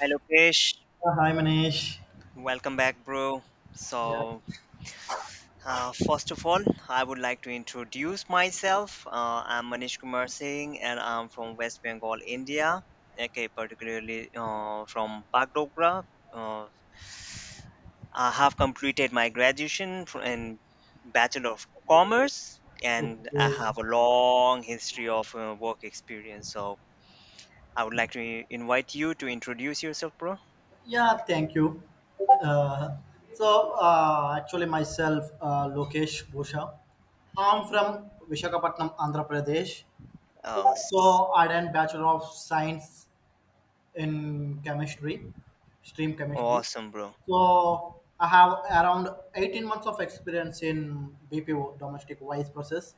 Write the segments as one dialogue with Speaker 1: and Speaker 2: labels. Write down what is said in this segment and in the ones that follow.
Speaker 1: Hi Lokesh,
Speaker 2: Yeah, hi Manish.
Speaker 1: welcome back, bro.
Speaker 2: Yeah,
Speaker 1: So, first of all, I would like to introduce myself. I'm Manish Kumar Singh and I'm from West Bengal, India, okay, particularly from Bagdogra. Uh, I have completed my graduation in Bachelor of Commerce and I
Speaker 2: okay.
Speaker 1: have a long history of work experience. So, I would like to invite you to introduce yourself, bro.
Speaker 2: Yeah, thank you. Uh, actually myself, Lokesh Bhusha. I'm from Vishakhapatnam, Andhra Pradesh.
Speaker 1: Oh, s-
Speaker 2: So I done Bachelor of Science in Chemistry, stream chemistry.
Speaker 1: Awesome, bro.
Speaker 2: So I have around 18 months of experience in BPO, domestic wise process.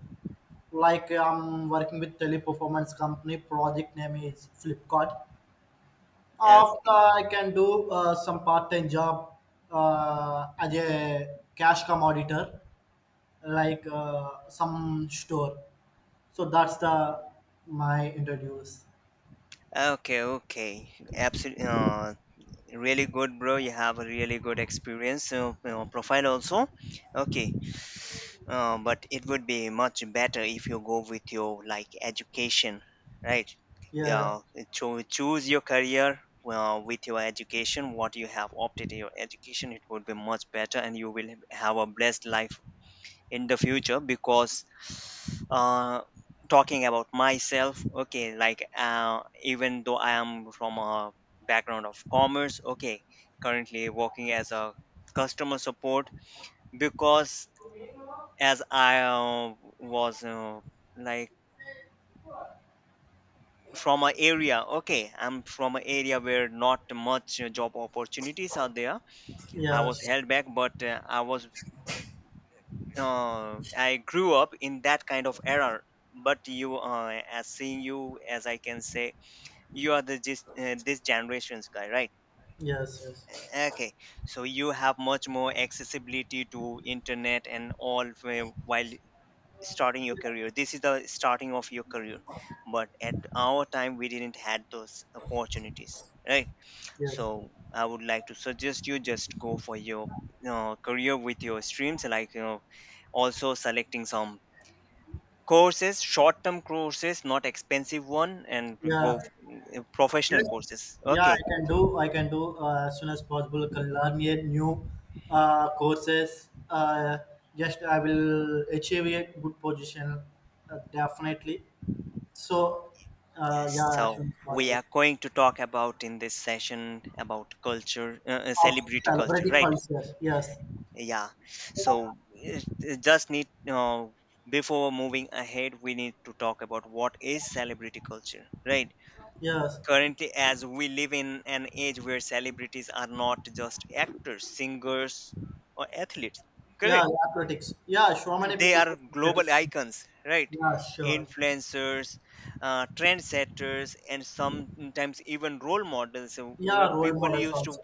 Speaker 2: Like I'm working with teleperformance company, project name is Flipkart. After
Speaker 1: Okay.
Speaker 2: I can do some part-time job as a cash come auditor, like some store. So that's the my interviews.
Speaker 1: Okay, okay. Absolutely. Really good, bro. You have a really good experience profile also. Okay. But it would be much better if you go with your like education, right?
Speaker 2: Yeah.
Speaker 1: Uh, to choose your career with your education, what you have opted your education, it would be much better and you will have a blessed life in the future because uh, talking about myself, okay, like even though I am from a background of commerce, okay, currently working as a customer support because as I was like from an area, okay, I'm from an area where not much job opportunities are there. I was
Speaker 2: Yes.
Speaker 1: held back, but I was I grew up in that kind of era. But you, as seeing you, as I can say, you are the this, this generation's guy, right?
Speaker 2: Yes. Yes.
Speaker 1: Okay, so you have much more accessibility to internet and all while starting your career. This is the starting of your career, but at our time we didn't had those opportunities, right?
Speaker 2: Yes.
Speaker 1: So I would like to suggest you just go for your career with your streams, like you know, also selecting some courses, short-term courses, not expensive one, and we
Speaker 2: Yeah.
Speaker 1: go professional
Speaker 2: Yes.
Speaker 1: courses.
Speaker 2: Yeah.
Speaker 1: Okay.
Speaker 2: I can do. I can do as soon as possible. Can learn a new courses. Just I will achieve a good position. Definitely. So,
Speaker 1: Yes.
Speaker 2: yeah,
Speaker 1: So
Speaker 2: Ashwin was
Speaker 1: we
Speaker 2: good.
Speaker 1: are going to talk about in this session about culture,
Speaker 2: Of
Speaker 1: celebrity culture,
Speaker 2: celebrity
Speaker 1: right?
Speaker 2: culture, yes,
Speaker 1: Yeah. So it just need before moving ahead, we need to talk about what is celebrity culture, right?
Speaker 2: yes,
Speaker 1: Currently, as we live in an age where celebrities are not just actors, singers, or athletes,
Speaker 2: yeah,
Speaker 1: correct?
Speaker 2: athletics, yeah, so many
Speaker 1: They
Speaker 2: people
Speaker 1: are
Speaker 2: are
Speaker 1: global
Speaker 2: celebrities.
Speaker 1: icons, right?
Speaker 2: Yeah, sure.
Speaker 1: Influencers, trendsetters, and sometimes even role models, where
Speaker 2: Yeah, role
Speaker 1: people
Speaker 2: models
Speaker 1: used to
Speaker 2: also.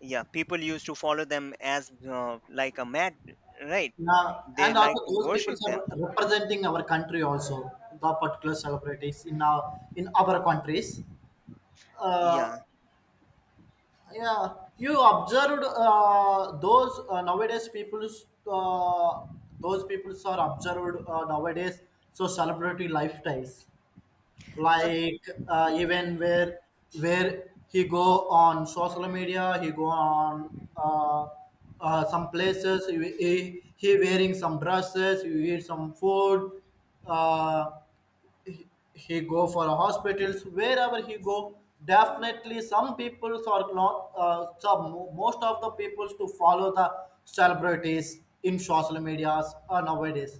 Speaker 1: yeah people used to follow them as like a mad, right?
Speaker 2: Yeah,
Speaker 1: They
Speaker 2: and
Speaker 1: like
Speaker 2: also
Speaker 1: to
Speaker 2: those people
Speaker 1: worship them.
Speaker 2: are representing our country also. The particular celebrities in our countries. Uh,
Speaker 1: Yeah.
Speaker 2: yeah, you observed those nowadays people's those peoples are observed nowadays. So celebrity lifestyles,
Speaker 1: Uh,
Speaker 2: like, even where he go on social media, he go on uh, some places, he wearing some dresses, he eat some food, uh, he go for hospitals wherever he go. Definitely some peoples are not some, most of the peoples to follow the celebrities in social medias nowadays.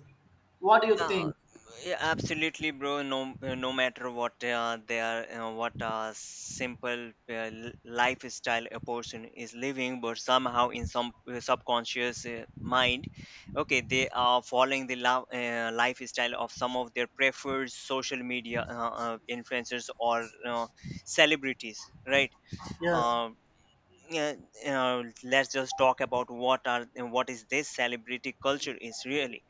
Speaker 2: What do you
Speaker 1: Yeah,
Speaker 2: think?
Speaker 1: yeah, absolutely, bro. No, no matter what their what simple lifestyle a person is living, but somehow in some subconscious mind, okay, they are following the lifestyle of some of their preferred social media influencers or celebrities, right?
Speaker 2: Yes,
Speaker 1: Um, yeah, let's just talk about what is this celebrity culture is really.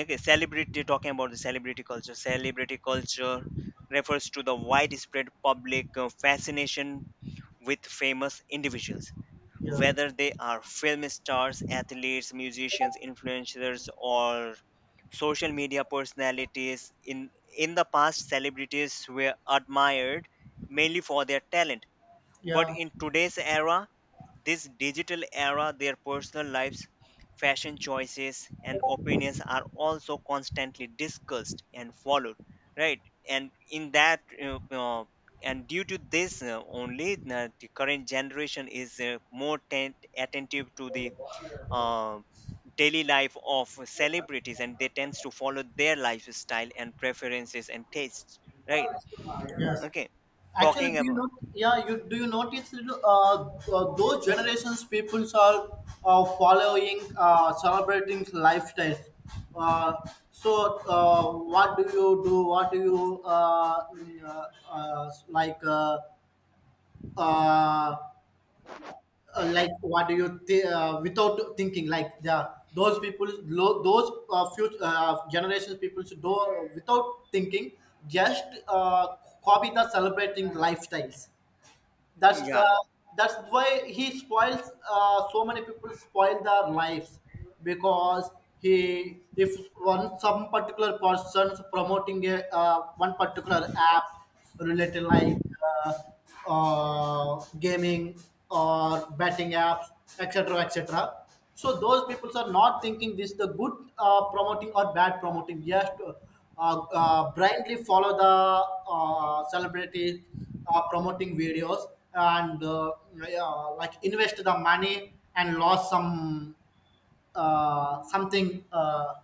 Speaker 1: Okay, celebrity talking about the celebrity culture, celebrity culture refers to the widespread public fascination with famous individuals,
Speaker 2: yeah,
Speaker 1: whether they are film stars, athletes, musicians, influencers, or social media personalities. In the past, celebrities were admired mainly for their talent, but
Speaker 2: yeah.
Speaker 1: in today's era, this digital era, their personal lives, fashion choices, and opinions are also constantly discussed and followed, right? And in that, uh, uh, and due to this only, the current generation is more attentive to the uh, daily life of celebrities, and they tends to follow their lifestyle and preferences and tastes, right?
Speaker 2: Yes.
Speaker 1: Okay,
Speaker 2: Actually,
Speaker 1: talking
Speaker 2: do you
Speaker 1: about
Speaker 2: not? Yeah, you Do you notice little, those generations people are following celebrating lifestyles. Uh, so, what do you do? What do you like? Uh, like, what do you without thinking, like, the those people those future generations people should do without thinking, just copy the celebrating lifestyles. that's
Speaker 1: yeah,
Speaker 2: uh, that's why he spoils, so many people spoil their lives, because he, if one, some particular person's promoting a, one particular app related, like, uh, gaming or betting apps, etc, etc. So those people are not thinking this the good promoting or bad promoting, just blindly follow the celebrity promoting videos, and yeah, like invest the money and lost some something,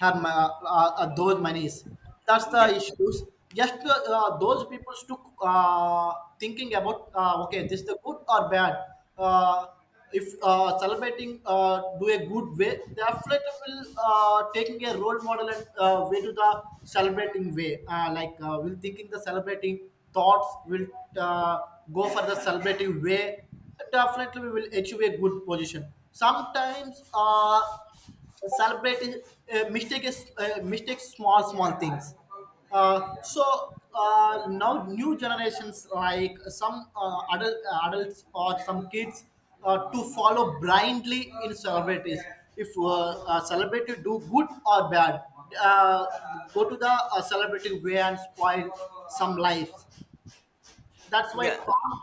Speaker 2: her my those monies. That's the
Speaker 1: yeah.
Speaker 2: issues. Just those people to thinking about, okay, this the good or bad. Uh, if celebrating do a good way, the athlete will taking a role model and way to the celebrating way. Like, will thinking the celebrating thoughts will uh, go for the celebrating way, definitely we will achieve a good position. Sometimes celebrate mistake is mistake small small things. So now new generations, like some adults or some kids to follow blindly in celebrities. If a celebrity do good or bad, uh, go to the celebrity way and spoil some life, that's why
Speaker 1: Yeah.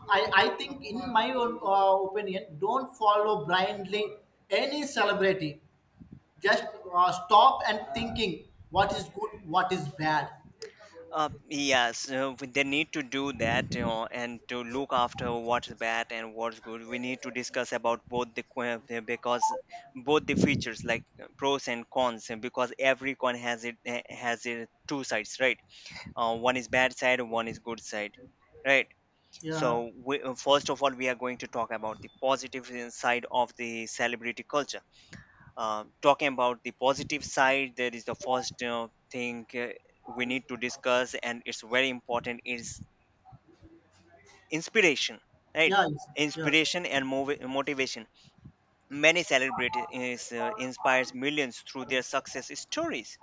Speaker 2: I think, in my own opinion, don't follow blindly any celebrity, just stop and thinking what is good, what is bad.
Speaker 1: Yes, they need to do that, you know, and to look after what's bad and what's good. We need to discuss about both because both the features like pros and cons, and because every coin has has it two sides, right? One is bad side, one is good side, right?
Speaker 2: Yeah,
Speaker 1: So we, first of all, we are going to talk about the positive side of the celebrity culture. Talking about the positive side, there is the first thing we need to discuss, and it's very important, is inspiration, right?
Speaker 2: yeah, yes, yes,
Speaker 1: Inspiration and motivation. Many celebrities inspires millions through their success stories,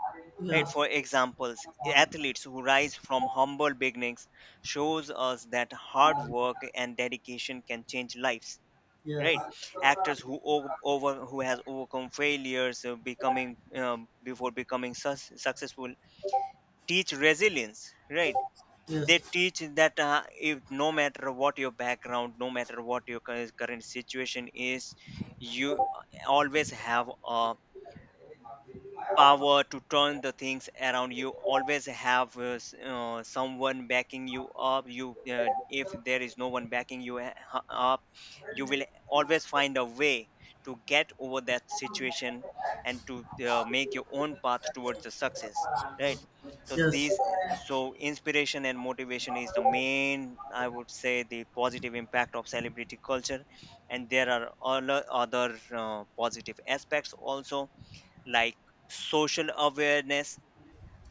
Speaker 1: right?
Speaker 2: yes,
Speaker 1: For examples, athletes who rise from humble beginnings shows us that hard work and dedication can change lives, right? Actors who o- over who has overcome failures becoming before becoming successful teach resilience, right? They
Speaker 2: yes, yes,
Speaker 1: teach that if no matter what your background, no matter what your current situation is, you always have a power to turn the things around. You always have someone backing you up. You if there is no one backing you up, you will always find a way to get over that situation and to make your own path towards the success, right? So
Speaker 2: yes.
Speaker 1: so inspiration and motivation is the main, I would say, the positive impact of celebrity culture. And there are all other positive aspects also, like social awareness.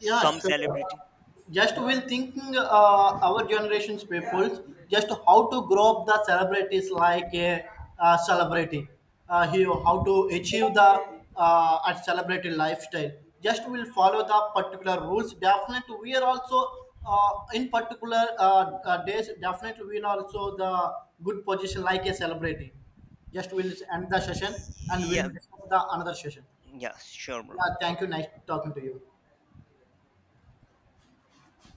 Speaker 2: Yeah, sure.
Speaker 1: celebrity,
Speaker 2: Just will thinking, our generation's people just how to grow up the celebrities like a, celebrity, how to achieve the, a celebrity lifestyle. Just will follow the particular rules. Definitely, we are also in particular days. Definitely, we are also the good position like a celebrity. Just will end the session and
Speaker 1: yeah,
Speaker 2: we'll discuss the another session.
Speaker 1: yeah, sure, bro.
Speaker 2: Yeah, thank you. Nice talking to you.